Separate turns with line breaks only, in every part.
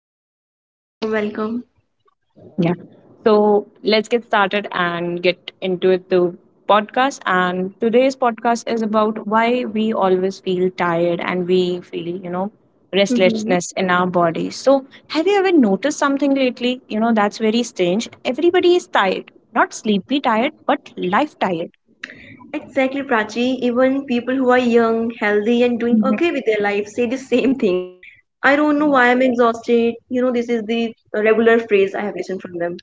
thank you so much for the warm welcome.
Yeah. So let's get started and get into it, the podcast. And today's podcast is about why we always feel tired and we feel
Mm-hmm.
restlessness in our body. So, have you ever noticed something lately? That's very strange. Everybody is tired, not sleepy tired, but life tired.
Exactly, Prachi. Even people who are young, healthy, and doing
Mhm.
okay with their life say the same thing. I don't know why I'm exhausted. You know, this is the regular phrase I have listened from them.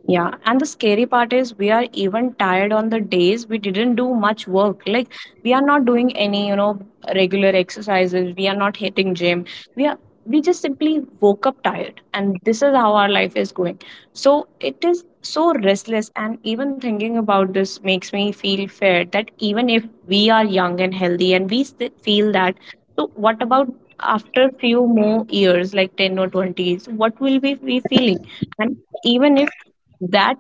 Yeah, and the scary part is we are even tired on the days we didn't do much work. Like we are not doing any regular exercises. We are not hitting gym. We are we just simply woke up tired and this is how our life is going. So it is so restless, and even thinking about this makes me feel fair that even if we are young and healthy and we still feel that, so what about after few more years like 10 or 20 years, what will we be feeling? And even if that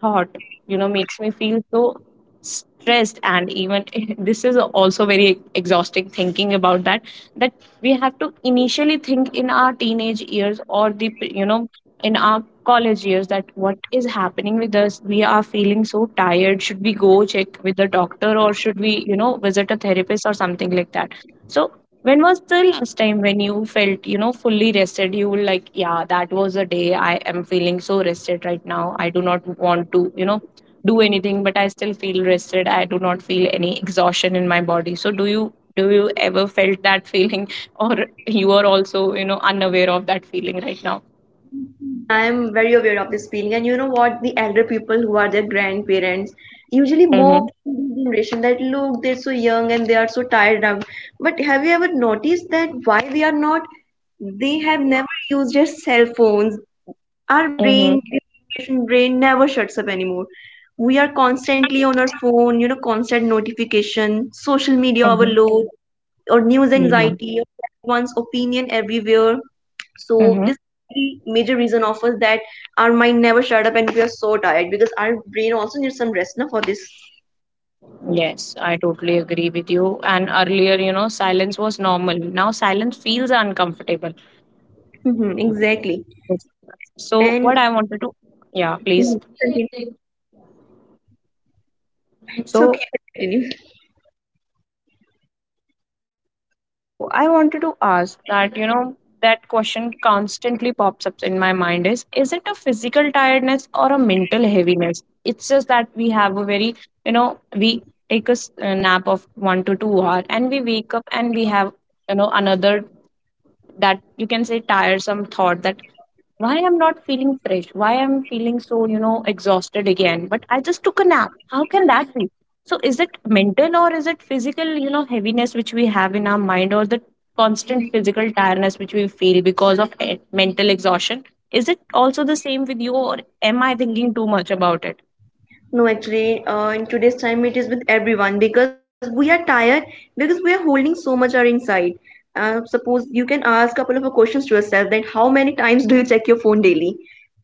thought makes me feel so stressed, and even this is also very exhausting thinking about that we have to initially think in our teenage years or the you know in our college years, that what is happening with us, we are feeling so tired. Should we go check with the doctor, or should we visit a therapist or something like that? So when was the last time when you felt fully rested? You were like, yeah, that was a day I am feeling so rested right now. I do not want to do anything, but I still feel rested. I do not feel any exhaustion in my body. So do you ever felt that feeling, or you are also unaware of that feeling right now?
I'm very aware of this feeling. And you know what? The elder people who are their grandparents usually
Mm-hmm.
mock the generation that look, they're so young and they are so tired now. But have you ever noticed that why they are not? They have never used their cell phones. Our brain,
Mm-hmm.
this generation brain, never shuts up anymore. We are constantly on our phone, you know, constant notification, social media
Mm-hmm.
overload, or news
Yeah.
anxiety, or everyone's opinion everywhere. So
Mm-hmm.
this can be the major reason of us, that our mind never shut up and we are so tired because our brain also needs some rest now for this.
Yes, I totally agree with you. And earlier silence was normal. Now silence feels uncomfortable.
Hmm, exactly.
So what
and
I wanted to, yeah, please.
Mhm, continue it's okay
So
you can continue
so I wanted to ask that that question constantly pops up in my mind, is it a physical tiredness or a mental heaviness? It's just that we have a very we take a nap of 1 to 2 hour, and we wake up and we have another, that you can say, tiresome thought that why I'm not feeling fresh, why I'm feeling so exhausted again, but I just took a nap. How can that be? So is it mental, or is it physical heaviness which we have in our mind, or the constant physical tiredness which we feel because of mental exhaustion? Is it also the same with you, or am I thinking too much about it?
No, actually, in today's time, it is with everyone because we are tired because we are holding so much our inside. Suppose you can ask a couple of questions to yourself, that how many times do you check your phone daily?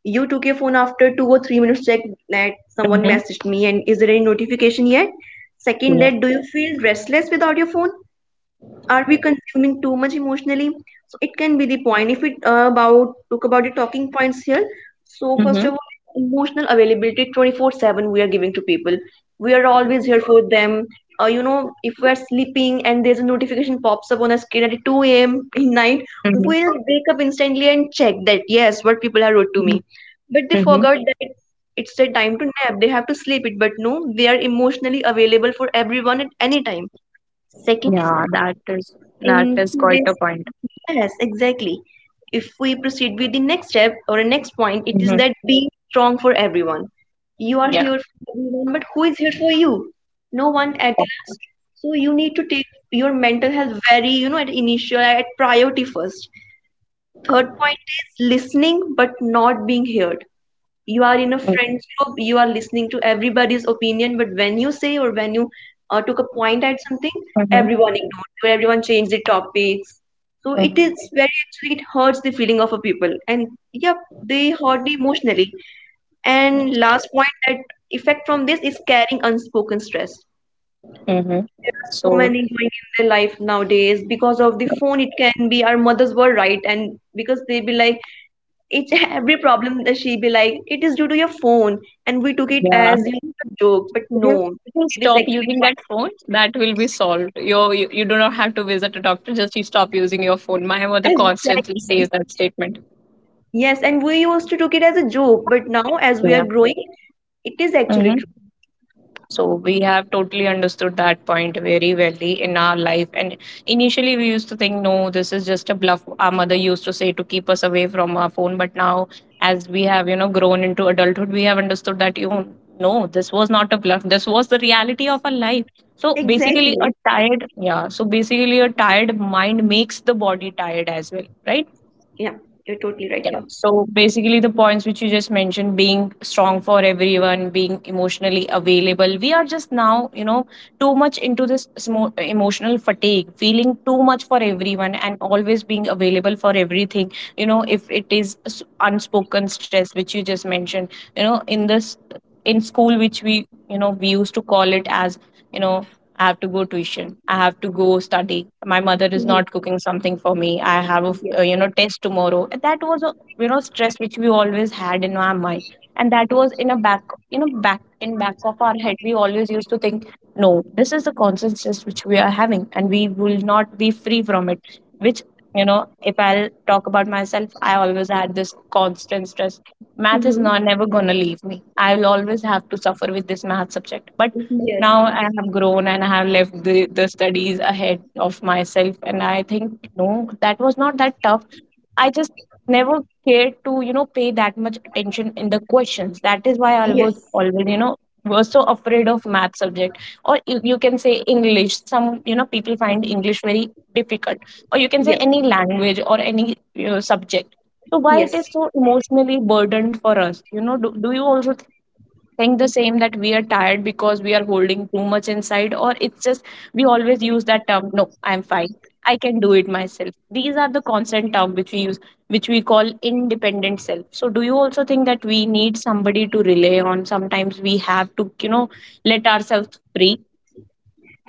You took your phone after 2 or 3 minutes, check that someone
Hmm.
messaged me and is there any notification yet? Second,
Yeah.
that do you feel restless without your phone? Are we consuming too much emotionally? So it can be the point, if we about talk about the talking points here. So first
Mm-hmm.
of all is emotional availability 24/7 we are giving to people. We are always here for them. You know, if we are sleeping and there's a notification pops up on our screen at 2 a.m. in night,
Mm-hmm.
we'll wake up instantly and check that, yes, what people have wrote to me. But they
Mm-hmm.
forgot that it's their time to nap, they have to sleep it, but no, they are emotionally available for everyone at any time. Second is
Yeah,
that,
that is that
in
is
two
quite
days,
a point.
yes, exactly, if we proceed with the next step or the next point, it is
Mm-hmm.
that being strong for everyone. You are
Yeah.
here for everyone, but who is here for you? No one at the last. So you need to take your mental health very, you know, at initial at priority first. Third point is listening but not being heard. You are in a friends group, you are listening to everybody's opinion, but when you say or when you took a point at something, everyone ignores you, everyone changes the topics. So it
Mm-hmm.
is very, actually, it hurts the feeling of a people, and yep, they hurt me emotionally. And last point, that effect from this is carrying unspoken stress.
Mm-hmm.
There are so
So
many going in their life nowadays because of the phone. It can be our mothers were right, and because they be like each every problem that she be like, it is due to your phone. And we took it
yeah,
as, you know, a joke, but
if you,
no,
if you
it is
stop
actually
using that
quite
phone,
true.
that will be solved. You do not have to visit a doctor. Just you stop using your phone. My mother constantly says
Exactly.
that statement.
Yes, and we used to took it as a joke, but now as we are
Yeah.
growing, it is actually
Mm-hmm.
true.
So we have totally understood that point very wellly in our life. And initially, we used to think, no, this is just a bluff. Our mother used to say to keep us away from our phone. But now, as we have grown into adulthood, we have understood that you no, this was not a bluff. This was the reality of our life. So basically, a
Exactly.
tired yeah. So basically, a tired mind makes the body tired as well, right?
Yeah, you're totally right
Yeah.
here.
So basically, the points which you just mentioned, being strong for everyone, being emotionally available. We are just now too much into this emotional fatigue, feeling too much for everyone and always being available for everything. If it is unspoken stress, which you just mentioned, in in school, which we used to call it as, you know, I have to go tuition. I have to go study. My mother is not
Mhm.
cooking something for me. I have a f- uh,
Yes.
you know test tomorrow. That was a stress which we always had in our mind, and that was in a back back in back of our head. We always used to think, no, this is the constant stress which we are having, and we will not be free from it, which you know if I'll talk about myself, I always had this constant stress. Math is
Hmm.
not never gonna leave me. I will always have to suffer with this math subject. But
Yes.
now I have grown, and I have left the studies ahead of myself. And I think, no, that was not that tough. I just never care to pay that much attention in the questions. That is why I was
Yes.
always was so afraid of math subject. Or you can say English. Some people find English very difficult, or you can say
Yes.
any language or any you subject. So why
Yes.
it is so emotionally burdened for us, do you also think the same, that we are tired because we are holding too much inside, or it's just we always use that term, no, I'm fine, I can do it myself. These are the constant term which we use, which we call independent self. So do you also think that we need somebody to rely on? Sometimes we have to let ourselves free.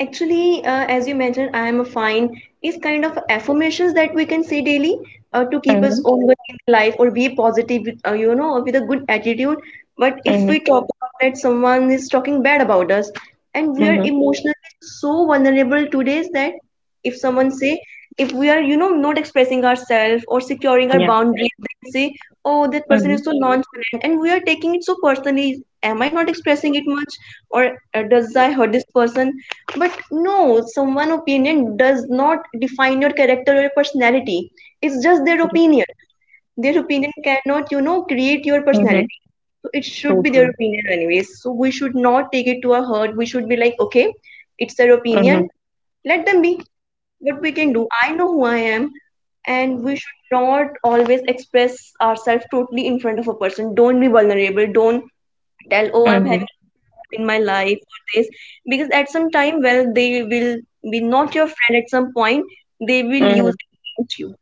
Actually, as you mentioned, I am a fine is kind of affirmations that we can say daily to keep us
Mm-hmm.
ongoing in the life, or be positive, with, you know, with a good attitude. But if
Mm-hmm.
we talk about that someone is talking bad about us, and we are
Mm-hmm.
emotionally so vulnerable today that if someone say, if we are, you know, not expressing ourselves or securing our
Yeah.
boundaries, they'll say, oh, that person
Mm-hmm.
is so nonchalant, and we are taking it so personally. Am I not expressing it much, or does I hurt this person? But no, someone opinion does not define your character or your personality. It's just their opinion. Their opinion cannot, you know, create your
Mm-hmm.
personality. So it should be their
Totally.
opinion anyways. So we should not take it to our heart. We should be like, okay, it's their
Mm-hmm.
opinion. Let them be. What we can do, I know who I am. And we should not always express ourselves totally in front of a person. Don't be vulnerable. Don't tell, oh, I'm having this problem in my life, or this, because at some time, well, they will be not your friend at some point, they will
Mm-hmm.
use it against you.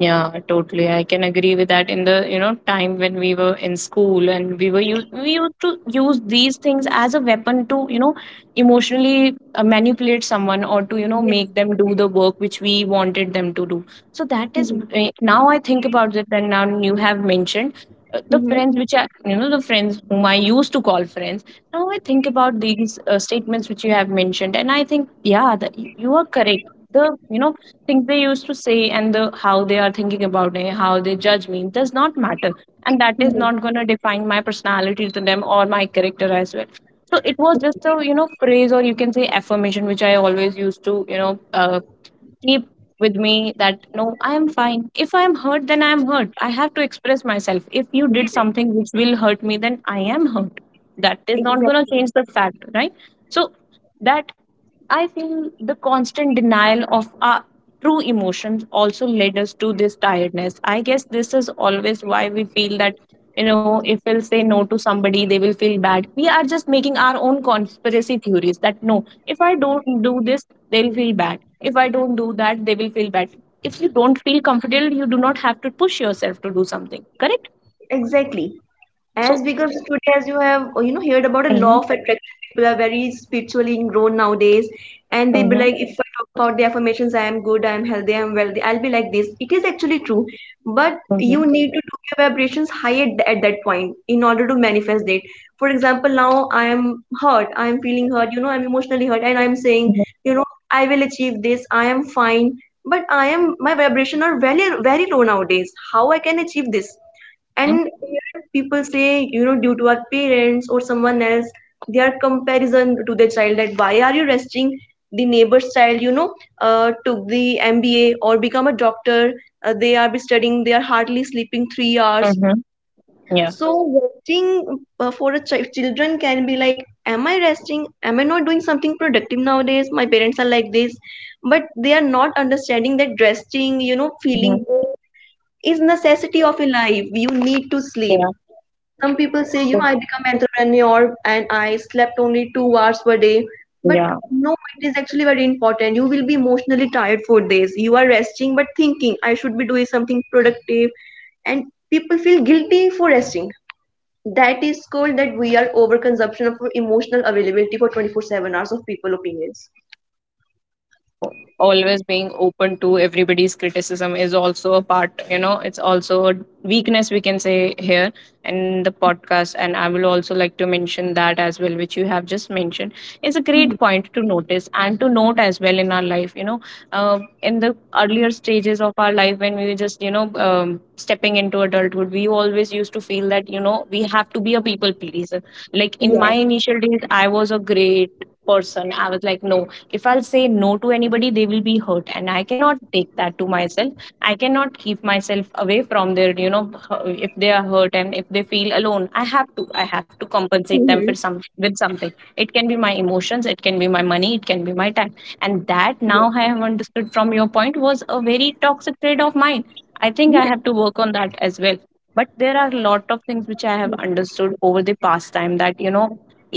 Yeah, totally. I can agree with that. In the time when we were in school and we used to use these things as a weapon to emotionally manipulate someone, or to make
Yes.
them do the work which we wanted them to do. So that is
Mhm.
now I think about it, and now you have mentioned the
Mhm.
friends which are, you know, the friends whom I used to call friends. Now I think about these statements which you have mentioned, and I think, yeah, that you are correct. The things they used to say, and the how they are thinking about me, how they judge me, does not matter, and that is
Mhm.
not gonna define my personality to them or my character as well. So it was just a
Mhm.
phrase, or you can say affirmation, which I always used to keep with me that no, I am fine. If I am hurt, then I am hurt. I have to express myself. If you did
Yes.
something which will hurt me, then I am hurt. That is not going to change
Exactly.
the fact, right? So, that I feel the constant denial of our true emotions also led us to this tiredness. I guess this is always why we feel that, if we'll say no to somebody, they will feel bad. We are just making our own conspiracy theories that no, if I don't do this, they'll feel bad. If I don't do that, they will feel bad. If you don't feel comfortable, you do not have to push yourself to do something, correct?
Exactly.
So
As because today, as you have you know, heard about a law
mhm,
of attraction, people are very spiritually ingrown nowadays, and they be
mhm,
like, if I talk about the affirmations, I am good, I am healthy, I am wealthy, I'll be like this. It is actually true, but you
mhm,
need to take your vibrations higher at that point in order to manifest it. For example, now I am hurt, I am feeling hurt, you know, I'm emotionally hurt, and I'm
mhm,
saying, you know, I will achieve this, I am fine, but I am my vibration are very very low nowadays. How I can achieve this?
mhm,
And here people say, you know, due to our parents or someone else, their comparison to their child, that why are you resting? The neighbor's child, you know, took the MBA or become a doctor. They are be studying. They are hardly sleeping 3 hours.
mhm, yeah,
So resting for a children can be like, am I resting? Am I not doing something productive nowadays? My parents are like this, but they are not understanding that resting, you know,
mhm,
feeling good is necessity of a life. You need to sleep.
yeah,
Some people say, you
so
know, I become entrepreneur and I slept only 2 hours per day. But
yeah,
no, it is actually very important. You will be emotionally tired for days. You are resting, but
mhm,
thinking I should be doing something productive, and people feel guilty for resting. That is called that we are overconsumption of emotional availability for 24/7 hours of people opinions.
so always being open to everybody's criticism is also a part, it's also a weakness, we can say here in the
Yeah.
podcast, and I will also like to mention that as well, which you have just mentioned. It's a great
Mhm.
point to notice and to note as well in our life in the earlier stages of our life when we were just stepping into adulthood. We always used to feel that we have to be a people pleaser, like in my
Yes.
initial days I was a great person. I was like, no, if I'll say no to anybody, they will be hurt, and I cannot take that to myself. I cannot keep myself away from their, if they are hurt and if they feel alone, I have to compensate them for
Mhm.
some with something. It can be my emotions, it can be my money, it can be my time, and that now
Yes.
I have understood from your point was a very toxic trait of mine. I think I have
Yes.
to work on that as well, but there are a lot of things which I have
Mhm.
understood over the past time, that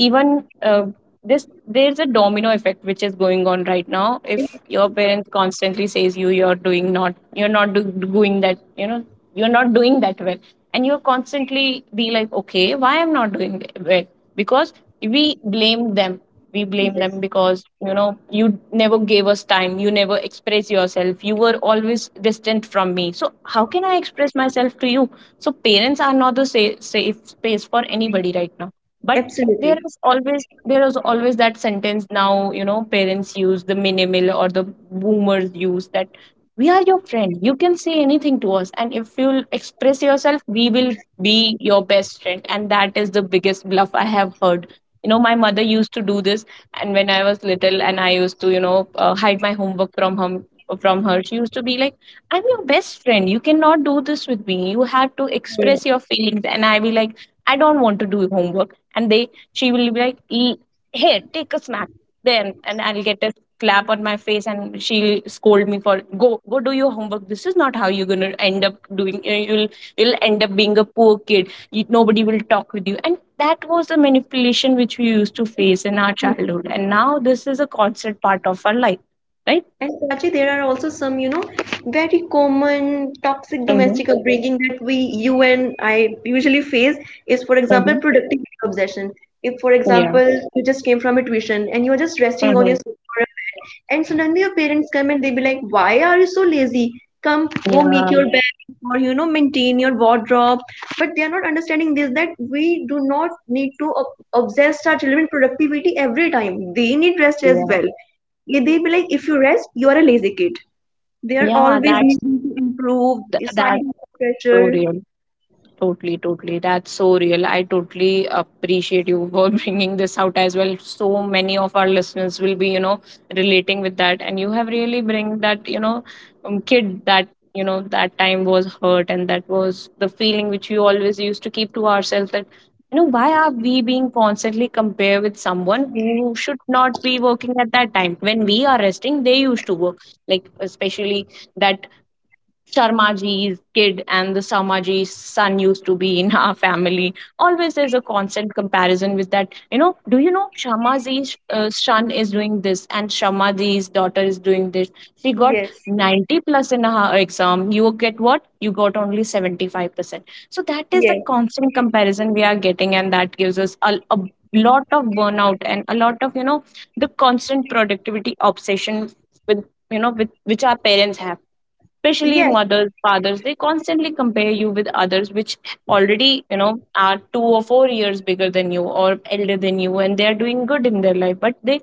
even this there's a domino effect which is going on right now. If your
Exactly.
parents constantly says you're doing not, you're not doing that, you're not doing that well, and you're constantly be like, okay, why I'm not doing it Well, because we blame them. We blame them
Yes,
because, you know, you never gave us time, you never express yourself, you were always distant from me, so how can I express myself to you? So parents are not the safe space for anybody right now. But
absolutely.
there is always that sentence now, you know, parents use the minimal or the boomers use that. We are your friend, you can say anything to us, and if you'll express yourself we will be your best friend. And that is the biggest bluff I have heard. You know, my mother used to do this. And when I was little and I used to, hide my homework from him from her, she used to be like, I'm your best friend, you cannot do this with me, you have to express your feelings. And I be like, I don't want to do homework and they She will be like, "E- here take a snack," then and I'll get a clap on my face and she'll scold me for, go do your homework, this is not how you're gonna end up doing. You'll end up being a poor kid, you, nobody will talk with you. That was the manipulation which we used to face in our
Mhm.
childhood, and now this is a constant part of our life, right?
And Prachi, there are also some, you know, very common toxic
Mm-hmm.
domestic upbringing that we, you and I, usually face is, for example,
Mm-hmm.
productivity obsession. If, for
Yeah.
example, you just came from a tuition and you're just resting on your
Mm-hmm.
sofa or a bed, and suddenly your parents come and they be like, "Why are you so lazy? Come, go make
Yeah.
your bed or, you know, maintain your wardrobe." But they are not understanding this, that we do not need to obsess our children with productivity every time. They need rest as
Yeah.
well. Eh, they be like, if you rest, you are a lazy kid. They are
yeah
always
that's
needing to improve,
that,
side
that's
hustle
so
pressure.
real. Totally. That's so real. I totally appreciate you for bringing this out as well. So many of our listeners will be, you know, relating with that. And you have really bring that, you know, kid that, you know, that time was hurt, and that was the feeling which you always used to keep to ourselves, that, you know, why are we being constantly compared with someone who should not be working at that time? When we are resting, they used to work. Like, especially that Sharmaji's kid and the Sharmaji's son used to be in our family. Always there's a constant comparison with that. You know, do you know Sharmaji's son is doing this and Sharmaji's daughter is doing this. She got
Yes,
90 plus in her exam. You get what? You got only 75%. So that is the
yes,
constant comparison we are getting, and that gives us a lot of burnout and a lot of, you know, the constant productivity obsession with, you know, with which our parents have, especially
yes.
mothers, fathers, they constantly compare you with others which already, you know, are 2 or 4 years bigger than you or elder than you, and they are doing good in their life, but they,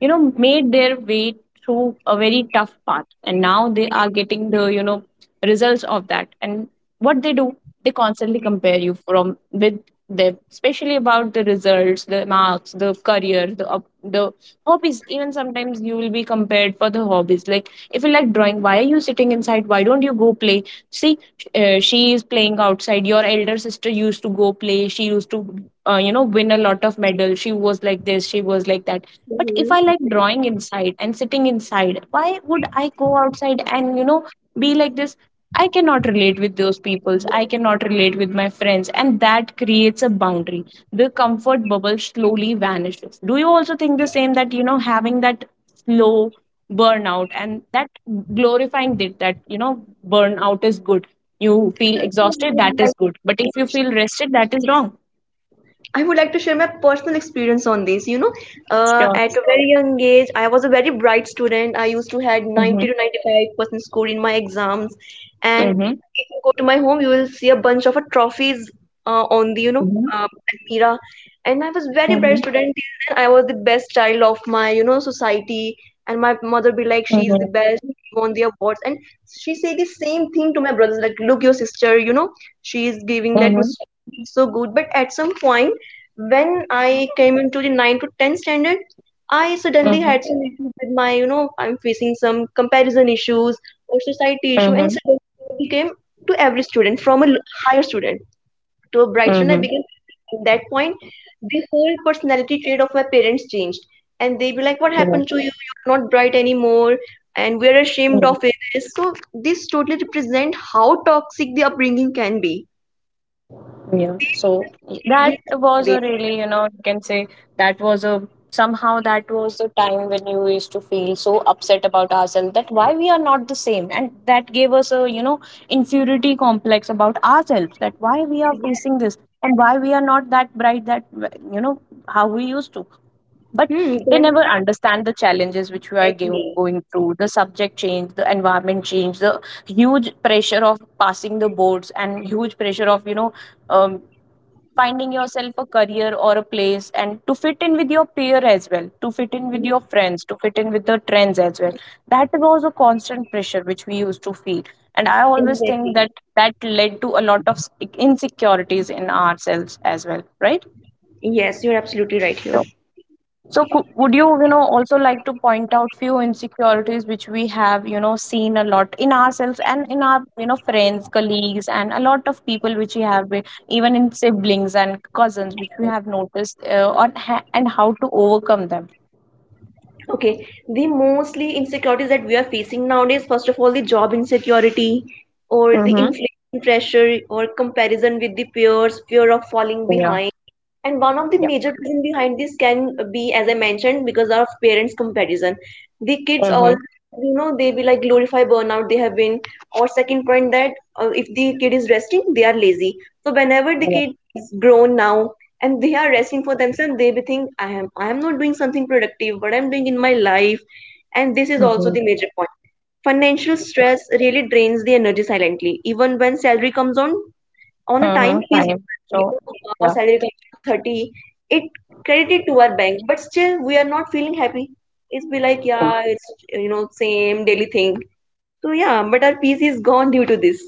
you know, made their way through a very tough path, and now they are getting the, you know, results of that. And what they do, they constantly compare you from with them, especially about the results, the marks, the career, the hobbies. Even sometimes you will be compared for the hobbies, like if you like drawing, why are you sitting inside, why don't you go play, see, she is playing outside, your elder sister used to go play, she used to, you know, win a lot of medals, she was like this, she was like that. But if
Mhm.
I like
Exactly.
drawing inside and sitting inside, why would I go outside and, you know, be like this? I cannot relate with those peoples, I cannot relate with my friends, and that creates a boundary, the comfort bubble slowly vanishes. Do you also think the same that, you know, having that slow burnout and that glorifying it, that, you know, burnout is good, you feel
Actually,
exhausted, that is good, but if you feel rested that is wrong?
I would like to share my personal experience on this. You know,
Sure.
at a very young age, I was a very bright student. I used to had
Mm-hmm.
90 to 95% score in my exams. And
Mm-hmm.
if you go to my home, you will see a bunch of trophies on the, you know,
Mm-hmm.
uh, Almira. And I was very bright
Mm-hmm.
student till then, I was the best child of my, you know, society. And my mother be like, she's
Mm-hmm.
the best, she won the awards. And she say the same thing to my brothers, like, look, your sister, you know, she is giving that much
Mm-hmm.
score, she's so good. But at some point, when I came into the 9 to 10 standard, I suddenly had some issues with my, you know, I'm facing some comparison issues or society issue, and
Mm-hmm.
suddenly I became to every student, from a higher student to a bright student, I
Mm-hmm.
became another. And that point, the whole personality trait of my parents changed. And they be like, what
Yeah.
happened to you? You are not bright anymore. And we are ashamed of this. So, this totally represent how toxic the upbringing can be.
Yeah,
They made
so
us to feel
that
guilty on
was a
this.
really, you know, you can say, that was a that was the time when you used to feel so upset about ourselves, that why we are not the same. And that gave us a, you know, inferiority complex about ourselves, that why we are facing this
Yes.
and why we are not that bright that, you know, how we used to. But
Hmm.
they
Then,
never understand the challenges which we are
exactly.
going through, the subject change, the environment change, the huge pressure of passing the boards and huge pressure of, you know, um, finding yourself a career or a place, and to fit in with your peer as well, to fit in with your friends, to fit in with the trends as well. That was a constant pressure which we used to feel, and I always think
Exactly.
that, that led to a lot of insecurities in ourselves as well, right?
Yes, you're absolutely right here.
So, so cou would you, you know, also like to point out few insecurities which we have, you know, seen a lot in ourselves and in our, you know, friends, colleagues, and a lot of people which we have, even in siblings and cousins, which we have noticed, and how to overcome them.
Okay, the mostly insecurities that we are facing nowadays, first of all, the job insecurity or the
Mm-hmm.
inflation pressure or comparison with the peers, fear of falling
Yeah.
behind. And one of the
Yeah.
major reason behind this can be, as I mentioned, because of parents' comparison. The kids
Mm-hmm.
always, you know, they will like glorify burnout they have been. Or second point, that if the kid is resting, they are lazy. So whenever the
Yeah.
kid is grown now and they are resting for themselves, they be think, I am not doing something productive. What I'm doing in my life, and this is also
Mm-hmm.
the major point. Financial stress really drains the energy silently. Even when salary comes on a time,
Mm-hmm.
fees
Time.
doesn't, you
So.
know, our
Yeah.
salary comes on 30, it credited to our bank, but still we are not feeling happy. It's be like, yeah, it's, you know, same daily thing. So yeah, but our peace is gone due to this.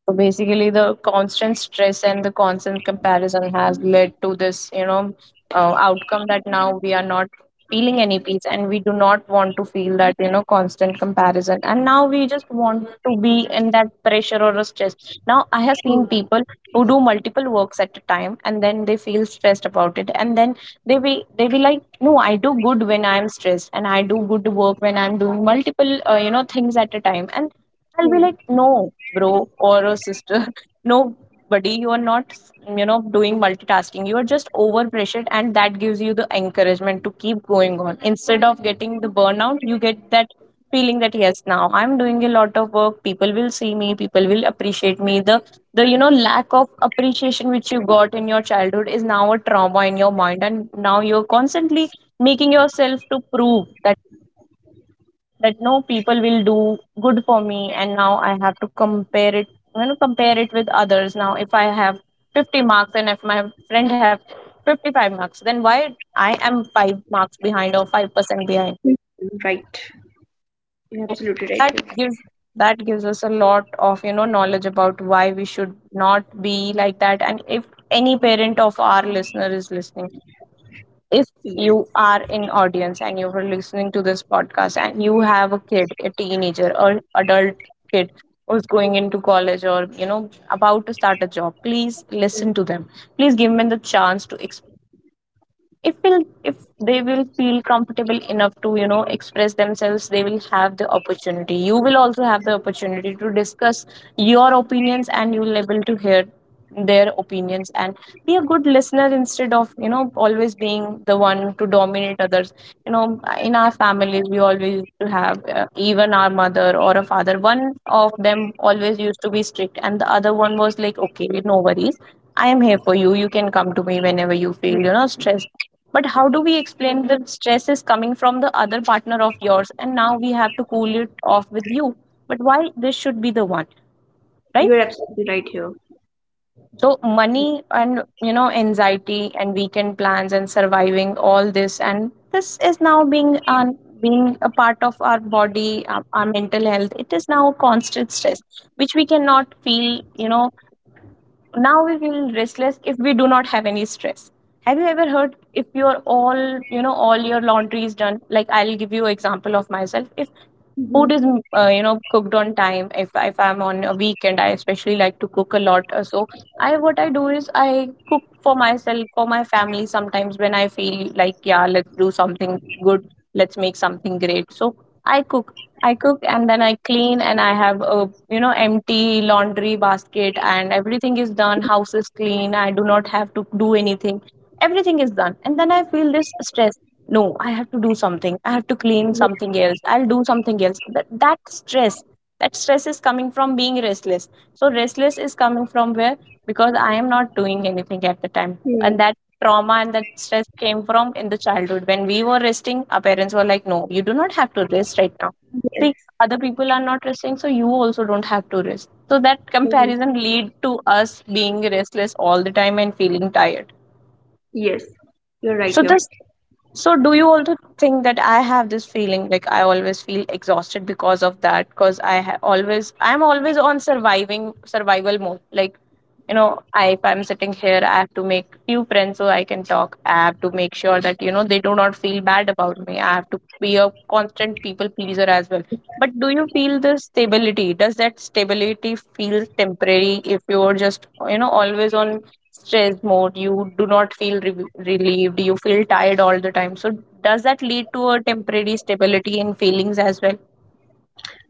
So basically, the constant stress and the constant comparison has led to this, you know, outcome, that now we are not feeling any peace and we do not want to feel that, you know, constant comparison. And now we just want to be in that pressure or a stress. Now, I have seen
Hmm.
people who do multiple works at a time, and then they feel stressed about it. And then they be like, no, I do good when I'm stressed and I do good work when I'm doing multiple, you know, things at a time. And I'll be
Hmm.
like, no, bro or a sister, nobody, you are not, you know, doing multitasking, you are just over pressured, and that gives you the encouragement to keep going on instead of getting the burnout. You get that feeling that yes, now I'm doing a lot of work, people will see me, people will appreciate me. The, you know, lack of appreciation which you got in your childhood is now a trauma in your mind, and now you're constantly making yourself to prove that no, people will do good for me, and now I have to compare it, you know, compare it with others. Now if I have 50 marks and if my friend have 55 marks, then why I am 5 marks behind or 5% behind?
Mhm, right, you're
So
absolutely right
that gives, that gives us a lot of, you know, knowledge about why we should not be like that. And if any parent of our listener is listening, if
here.
you are in audience and you are listening to this podcast and you have a kid, a teenager or adult kid who's going into college or, you know, about to start a job, please
Yes.
listen to them. Please give them the chance to express themselves. If will if they will feel comfortable enough to, you know, express themselves, they will have the opportunity, you will also have the opportunity to discuss your opinions, and you will able to hear their opinions, and be a good listener instead of, you know, always being the one to dominate others. You know, in our families we always used to have, even our mother or a father, one of them always used to be strict and the other one was like, okay, no worries, I am here for you, you can come to me whenever you feel, you know,
Yes,
stressed. But how do we explain that stress is coming from the other partner of yours, and now we have to cool it off with you? But why this should be the one,
you
right?
are absolutely right here,
So
indeed.
money and, you know, anxiety and weekend plans and surviving all this, and this is now being an, being a part of our body, our mental health. It is now constant stress which we cannot feel. You know, now we feel restless if we do not have any stress. Have you ever heard if your all, you know, all your laundry is done? Like, I'll give you example of myself. If food
Hmm.
is cooked on time. If I'm on a weekend, I especially like to cook a lot. So I what I do is I cook for myself, for my family, sometimes when I feel like, yeah, let's do something good, let's make something great. So i cook I cook and then I clean, and I have a empty laundry basket and everything is done, house is clean, I do not have to do anything. Everything is done, and then I feel this stress. No, I have to do something, I have to clean something
Yes.
else, I'll do something else. That stress, that stress is coming from being restless. So restless is coming from where? Because I am not doing anything at the time. And
Hmm.
that trauma and that stress came from in the childhood when we were resting, our parents were like, no, you do not have to rest right now. See,
Yes.
other people are not resting, so you also don't have to rest. So that
Mhm.
comparison lead to us being restless all the time and feeling tired.
Yes, you're right
so
here.
this so do you also think that I have this feeling, like, I always feel exhausted because of that? Because I'm always on surviving survival mode, like, you know, I if I'm sitting here, I have to make few friends so I can talk, I have to make sure that, you know, they do not feel bad about me. I have to be a constant people pleaser as well. But do you feel the stability? Does that stability feel temporary if you're just, you know, always on stress mode? You do not feel relieved. You feel tired all the time. So does that lead to a temporary stability in feelings as well?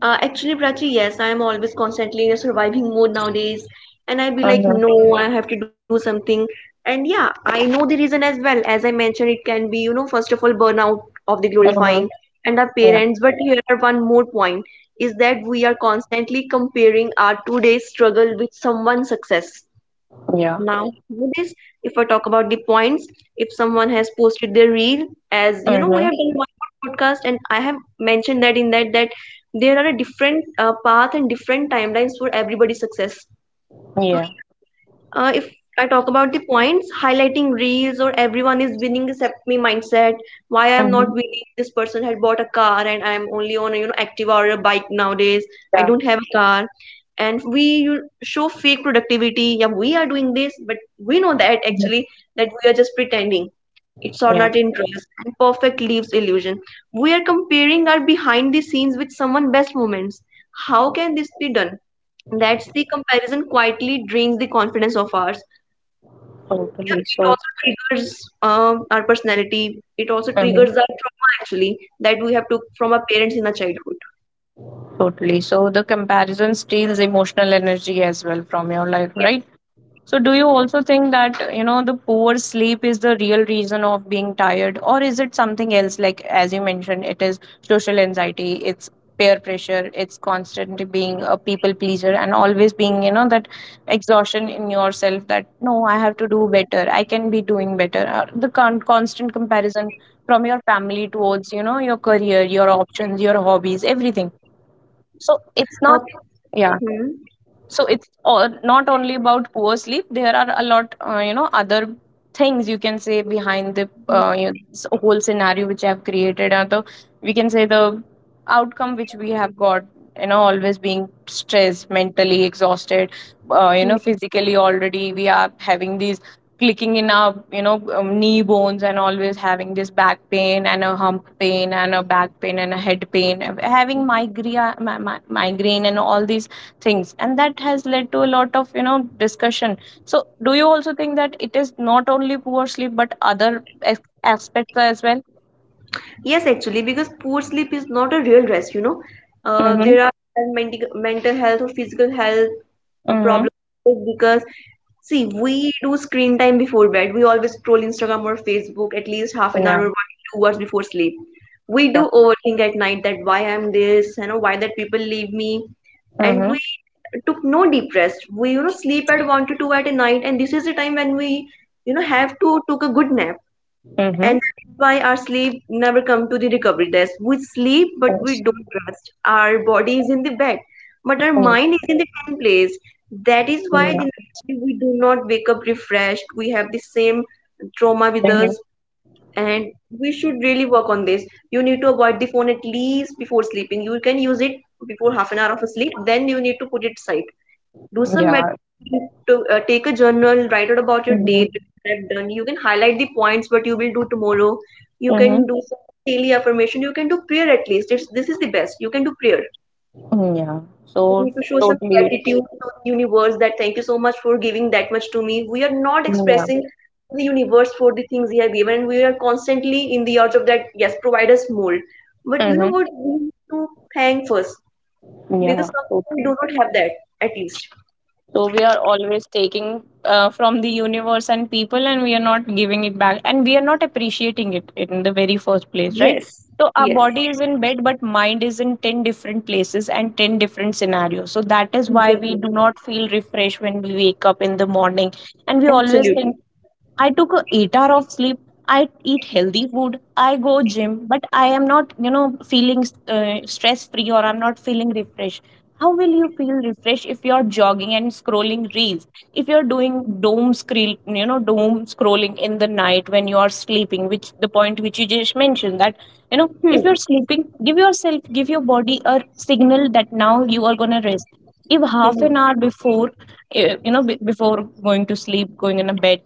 Actually, Prachi, yes, I'm always constantly in a surviving mode nowadays, and I'd be like,
Mm-hmm.
no, I have to do something. And yeah, I know the reason as well. As I mentioned, it can be, you know, first of all, burnout of the
Mm-hmm.
glorifying and our
Yeah.
parents. But here are one more point, is that we are constantly comparing our today's struggle with someone's success.
Yeah.
Now how this, if I talk about the points, if someone has posted their reel, as you know, we
Mm-hmm.
have done one more podcast and I have mentioned that in that, that there are a different path and different timelines for everybody's success. So
Yeah.
yeah, if I talk about the points, highlighting reels or everyone is winning except me mindset. Why I am
Mm-hmm.
not winning? This person had bought a car, and I am only on a, you know, Activa or a bike nowadays. I
Yeah.
don't have a car, and we you- show fake productivity. Yeah, we are doing this, but we know that
Mm-hmm.
actually that we are just pretending. It's or not
Yes.
interest and perfect leaves illusion. We are comparing our behind the scenes with someone best moments. How can this be done? That's the comparison quietly drains the confidence of ours. So
Totally.
yeah, it
So.
also triggers our personality, it also
Mm-hmm.
triggers our trauma, actually, that we have took from our parents in our childhood.
Totally. So the comparison steals emotional energy as well from your life, right? So do you also think that, you know, the poor sleep is the real reason of being tired, or is it something else, like, as you mentioned, it is social anxiety, it's peer pressure, it's constant being a people pleaser and always being, you know, that exhaustion in yourself that no, I have to do better. I can be doing better. Or the constant comparison from your family towards, you know, your career, your options, your hobbies, everything, so
uh,
it's not. Yeah.
hmm,
So it's all, not only about poor sleep, there are a lot you know, other things you can say behind the
hmm,
whole scenario which I have created, and the we can say the outcome which we have got, you know, always being stressed, mentally exhausted, you know,
hmm.
physically already we are having these clicking in our, you know, knee bones, and always having this back pain and a hump pain and a back pain and a head pain, having migraine, migraine, and all these things, and that has led to a lot of, you know, discussion. So do you also think that it is not only poor sleep but other as- aspects as well?
Yes, actually, because poor sleep is not a real rest, you know.
Mm-hmm.
There are mental health or physical health
Mm-hmm.
problems nowadays because, see, we do screen time before bed. We always scroll Instagram or Facebook at least half an
Yeah.
hour or 1 to 2 hours before sleep. We do
Yep.
overthink at night that why I'm this, you know, why that people leave me. And
Mm-hmm.
we took no deep rest. We, you know, sleep at one to two at a night, and this is the time when we, you know, have to took a good nap, and
Mm-hmm.
that is why our sleep never come to the recovery desk. We sleep but we
Yes.
don't rest. Our body is in the bed but our
Mm.
mind is in the 10th place. That is why the
Yeah.
next day we do not wake up refreshed. We have the same trauma with
Mm-hmm.
us, and we should really work on this. You need to avoid the phone at least before sleeping. You can use it before half an hour of a sleep, then you need to put it aside. Do some
Yeah.
meditation, to take a journal, write out about your
Mm-hmm.
day, that what I have done. You can highlight the points what you will do tomorrow. You
Mm-hmm.
can do some, you know, daily affirmation, you can do prayer. At least it's, this is the best, you can do prayer.
Yeah.
You
So
need to show some
totally.
gratitude to the universe that thank you so much for giving that much to me. We are not
Yeah.
expressing to the universe for the things he has given, and we are constantly in the urge of that, yes, provide us more. But you
Mm-hmm.
know what, we need to thank first, because
Yeah.
some people do
Totally.
not have that at least.
So we are always taking from the universe and people, and we are not giving it back, and we are not appreciating it in the very first place, right?
Yes.
So our
Yes.
body is in bed, but mind is in 10 different places and 10 different scenarios. So that is why
Exactly.
we do not feel refreshed when we wake up in the morning, and we always think
Absolutely.
I took a 8-hour of sleep. I eat healthy food. I go gym, but I am not, you know, feeling stress free, or I'm not feeling refreshed. How will you feel refreshed if you're jogging and scrolling reels? If you're doing doom scroll, you know, doom scrolling in the night when you are sleeping, which the point which you just mentioned that, you know, if you're
Hmm.
sleeping, give yourself, give your body a signal that now you are gonna rest. If half
Hmm.
an hour before, before going to sleep, going in a bed,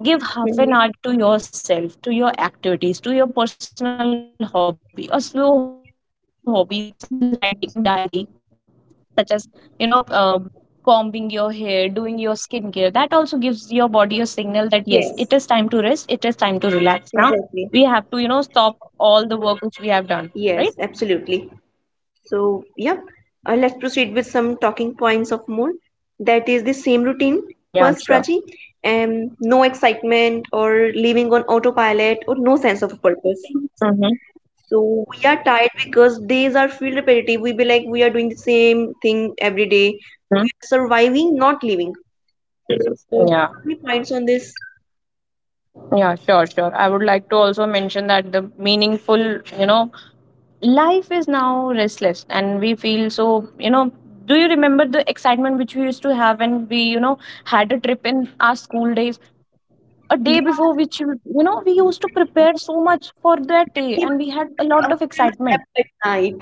give half
Hmm.
an hour to yourself, to your activities, to your personal hobby, a slow hobby such as writing diary, such as, you know, combing your hair, doing your skincare, that also gives your body a signal that yes, it is time to rest, it is time to
Yes.
relax now. We have to, you know, stop
Exactly.
all the work which we have done, right?
Yes, absolutely. So, yep. Let's proceed with some talking points of more. That is the same
Yeah,
routine.
sure.
First, Prachi, no excitement or living on autopilot or no sense of purpose.
Mm-hmm.
So we are tired because days are feel repetitive. We be like we are doing the same thing every day.
Mm-hmm.
We are surviving, not living. So
Yeah.
do you have any points on this?
Yeah, sure, sure, I would like to also mention that the meaningful, you know, life is now restless, and we feel so, you know. Do you remember the excitement which we used to have when we, you know, had a trip in our school days, a day before
Yes,
which you know we used to
exactly.
prepare so much for
We
that day,
didn't
and
even
we had
sleep.
a
We
lot of
didn't even
excitement.
slept at night.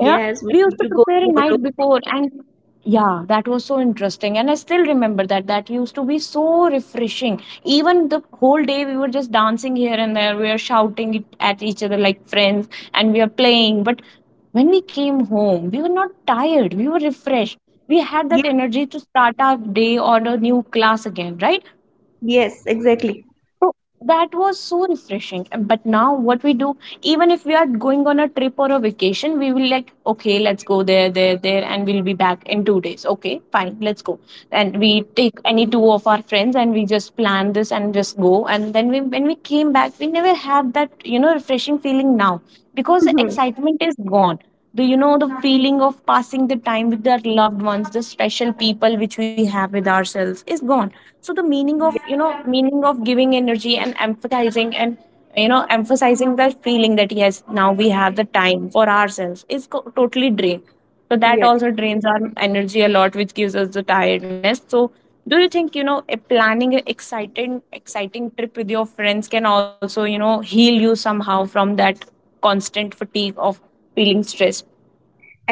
Yeah,
Yes, we
we
need
used to
to go
prepare a night
tomorrow.
before, and yeah, that was so interesting. And I still remember that. That used to be so refreshing. Even the whole day, we were just dancing here and there. We were shouting it at each other like friends, and we were playing. But when we came home, we were not tired. We were refreshed. We had that
Yes,
energy to start our day on a new class again, right?
yes, exactly.
So that was so refreshing. But now, what we do, even if we are going on a trip or a vacation, we will like, okay, let's go there, there, there, and we'll be back in 2 days. Okay, fine, let's go. And we take any two of our friends and we just plan this and just go. And then we, when we came back, we never had that, you know, refreshing feeling now, because the
Mm-hmm.
excitement is gone. Do you know the feeling of passing the time with our loved ones, the special people which we have with ourselves is gone. So the meaning of,
Yes,
you know, meaning of giving energy and empathizing and, you know, emphasizing that feeling that yes, now we have the time for ourselves is totally drained. So that
yes.
also drains our energy a lot, which gives us the tiredness. So do you think, you know, a planning an exciting trip with your friends can also, you know, heal you somehow from that constant fatigue of feeling stressed?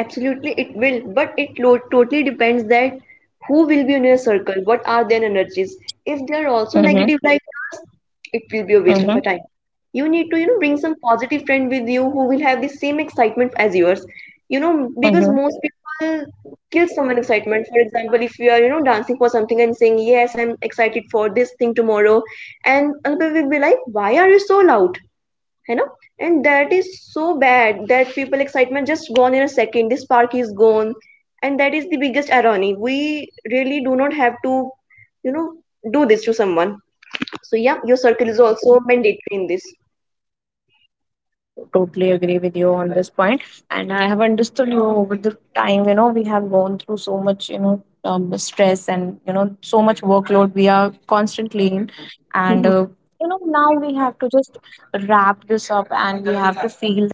Absolutely it will, but it lo- totally depends that who will be in your circle, what are their energies. If they are also
Mm-hmm.
negative like yours, it will be a waste of
Mm-hmm.
a time. You need to, you know, bring some positive friend with you who will have the same excitement as yours. You know, because
Mm-hmm.
most people kill someone excitement. For example, if you are, you know, dancing for something and saying, yes, I'm excited for this thing tomorrow, and other people will be like, why are you so loud, you know? And that is so
Yeah.
bad that people excitement just gone in a second. The spark is gone, and that is the biggest irony. We really do not have to, you know, do this to someone. So yeah, your circle is
Mm-hmm.
also mandatory in this.
Totally agree with you on this point, and I have understood you over the time. You know, we have gone through so much, you know, stress, and, you know, so much workload. We are constantly in, and
Mm-hmm.
you know, now we have to just wrap this up, and we have to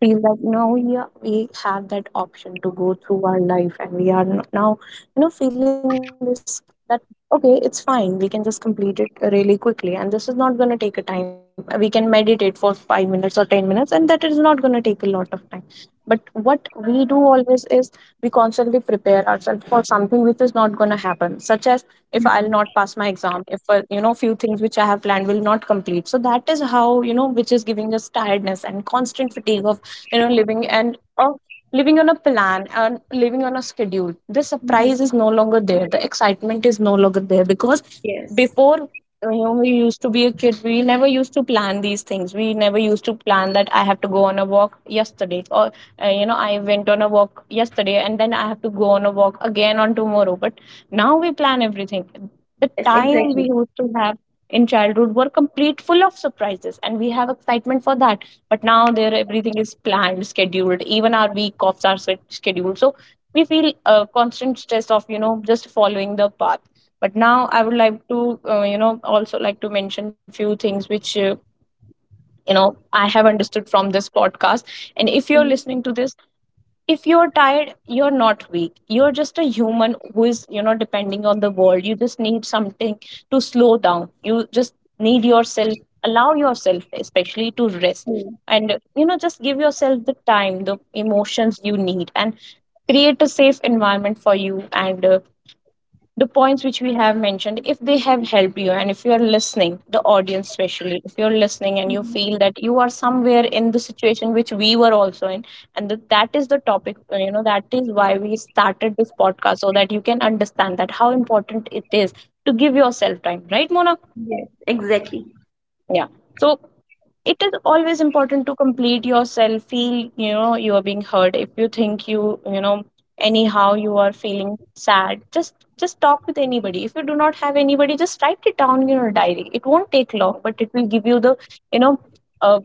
feel that now we have that option to go through our life, and we are now, you know, feeling this that okay, it's fine, we can just complete it really quickly, and this is not going to take a time. We can meditate for 5 minutes or 10 minutes, and that is not going to take a lot of time. But what we do always is we constantly prepare ourselves for something which is not going to happen, such as if I'll
Mm-hmm.
not pass my exam, if you know, few things which I have planned will not complete, so that is how, you know, which is giving us tiredness and constant fatigue of, you know, living, and or living on a plan and living on a schedule. The
Mhm.
surprise is no longer there, the excitement is no longer there, because
Yes,
before, you know, we used to be a kid, we never used to plan these things. We never used to plan that I have to go on a walk yesterday, or you know, I went on a walk yesterday, and then I have to go on a walk again on tomorrow. But now we plan everything. The time we used to have in childhood were complete full of surprises and we have excitement for that. But now, there, everything is planned, scheduled, even our week offs are scheduled. So we feel constant stress of, you know, just following the path. But now I would like to, you know, also like to mention few things which, you know, I have understood from this podcast. And if you're listening to this, if you're tired, you're not weak, you're just a human who is, you know, depending on the world. You just need something to slow down. You just need yourself, allow yourself especially to rest, and, you know, just give yourself the time, the emotions you need, and create a safe environment for you, and the points which we have mentioned, if they have helped you, and if you are listening, the audience especially, if you're listening and you feel that you are somewhere in the situation which we were also in, and that is the topic, you know, that is why we started this podcast, so that you can understand that how important it is to give yourself time, right, Mona?
yes, exactly.
Yeah. So it is always important to complete yourself, feel, you know, you are being heard. If you think you, you know, anyhow you are feeling sad, just talk with anybody. If you do not have anybody, just write it down in your diary. It won't take long, but it will give you the, you know, uh,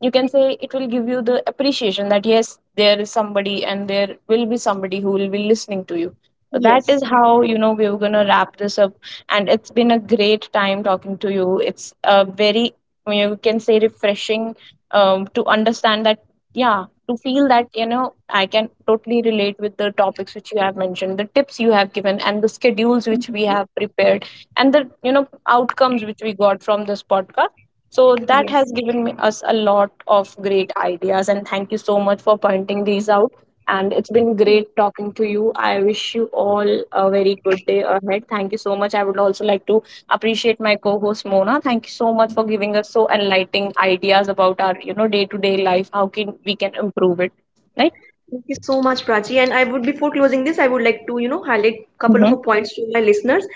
you can say it will give you the appreciation that yes, there is somebody and there will be somebody who will be listening to you. So that is
Yes.
how, you know, we are gonna wrap this up, and it's been a great time talking to you. It's a very, you can say, refreshing, to understand that, yeah, to feel that, you know, I can totally relate with the topics which you have mentioned, the tips you have given, and the schedules which we have prepared, and the, you know, outcomes which we got from this podcast. So that has
Yes,
given me, us a lot of great ideas, and thank you so much for pointing these out. And it's been
thank
great
you.
talking to you. I wish you all a very good day ahead. Thank you so much. I would also like to appreciate my co-host Mona. Thank you so much for giving us so enlightening ideas about our, you know, day-to-day life. How can we can improve it, right?
Thank you so much, Prachi. And I would, before closing this, I would like to, you know, highlight a couple
Mm-hmm.
of points to my listeners.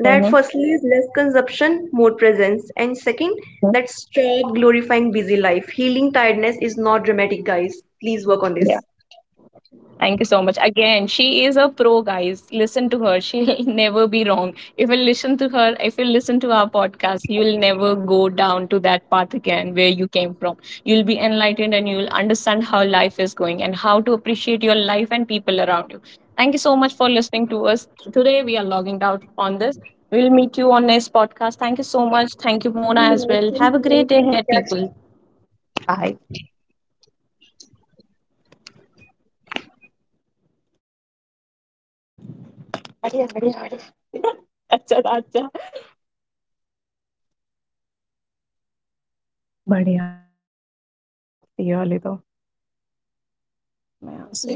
That
Mm-hmm.
firstly is less consumption, more presence. And second, that stop glorifying busy life. Healing tiredness is not dramatic, guys. Please work on
Yeah.
this.
Thank you so much. Again, she is a pro, guys. Listen to her. She'll never be wrong. If you listen to her, if you listen to our podcast, you'll never go down to that path again where you came from. You'll be enlightened and you'll understand how life is going and how to appreciate your life and people around you. Thank you so much for listening to us. Today, we are logging out on this. We'll meet you on next podcast. Thank you so much. Thank you, Mona, as well. Have a great
Thank
day
you,
ahead, people.
Prachi.
अच्छा अच्छा बढ़िया 55 minutes ये वाली तो मैं आपसे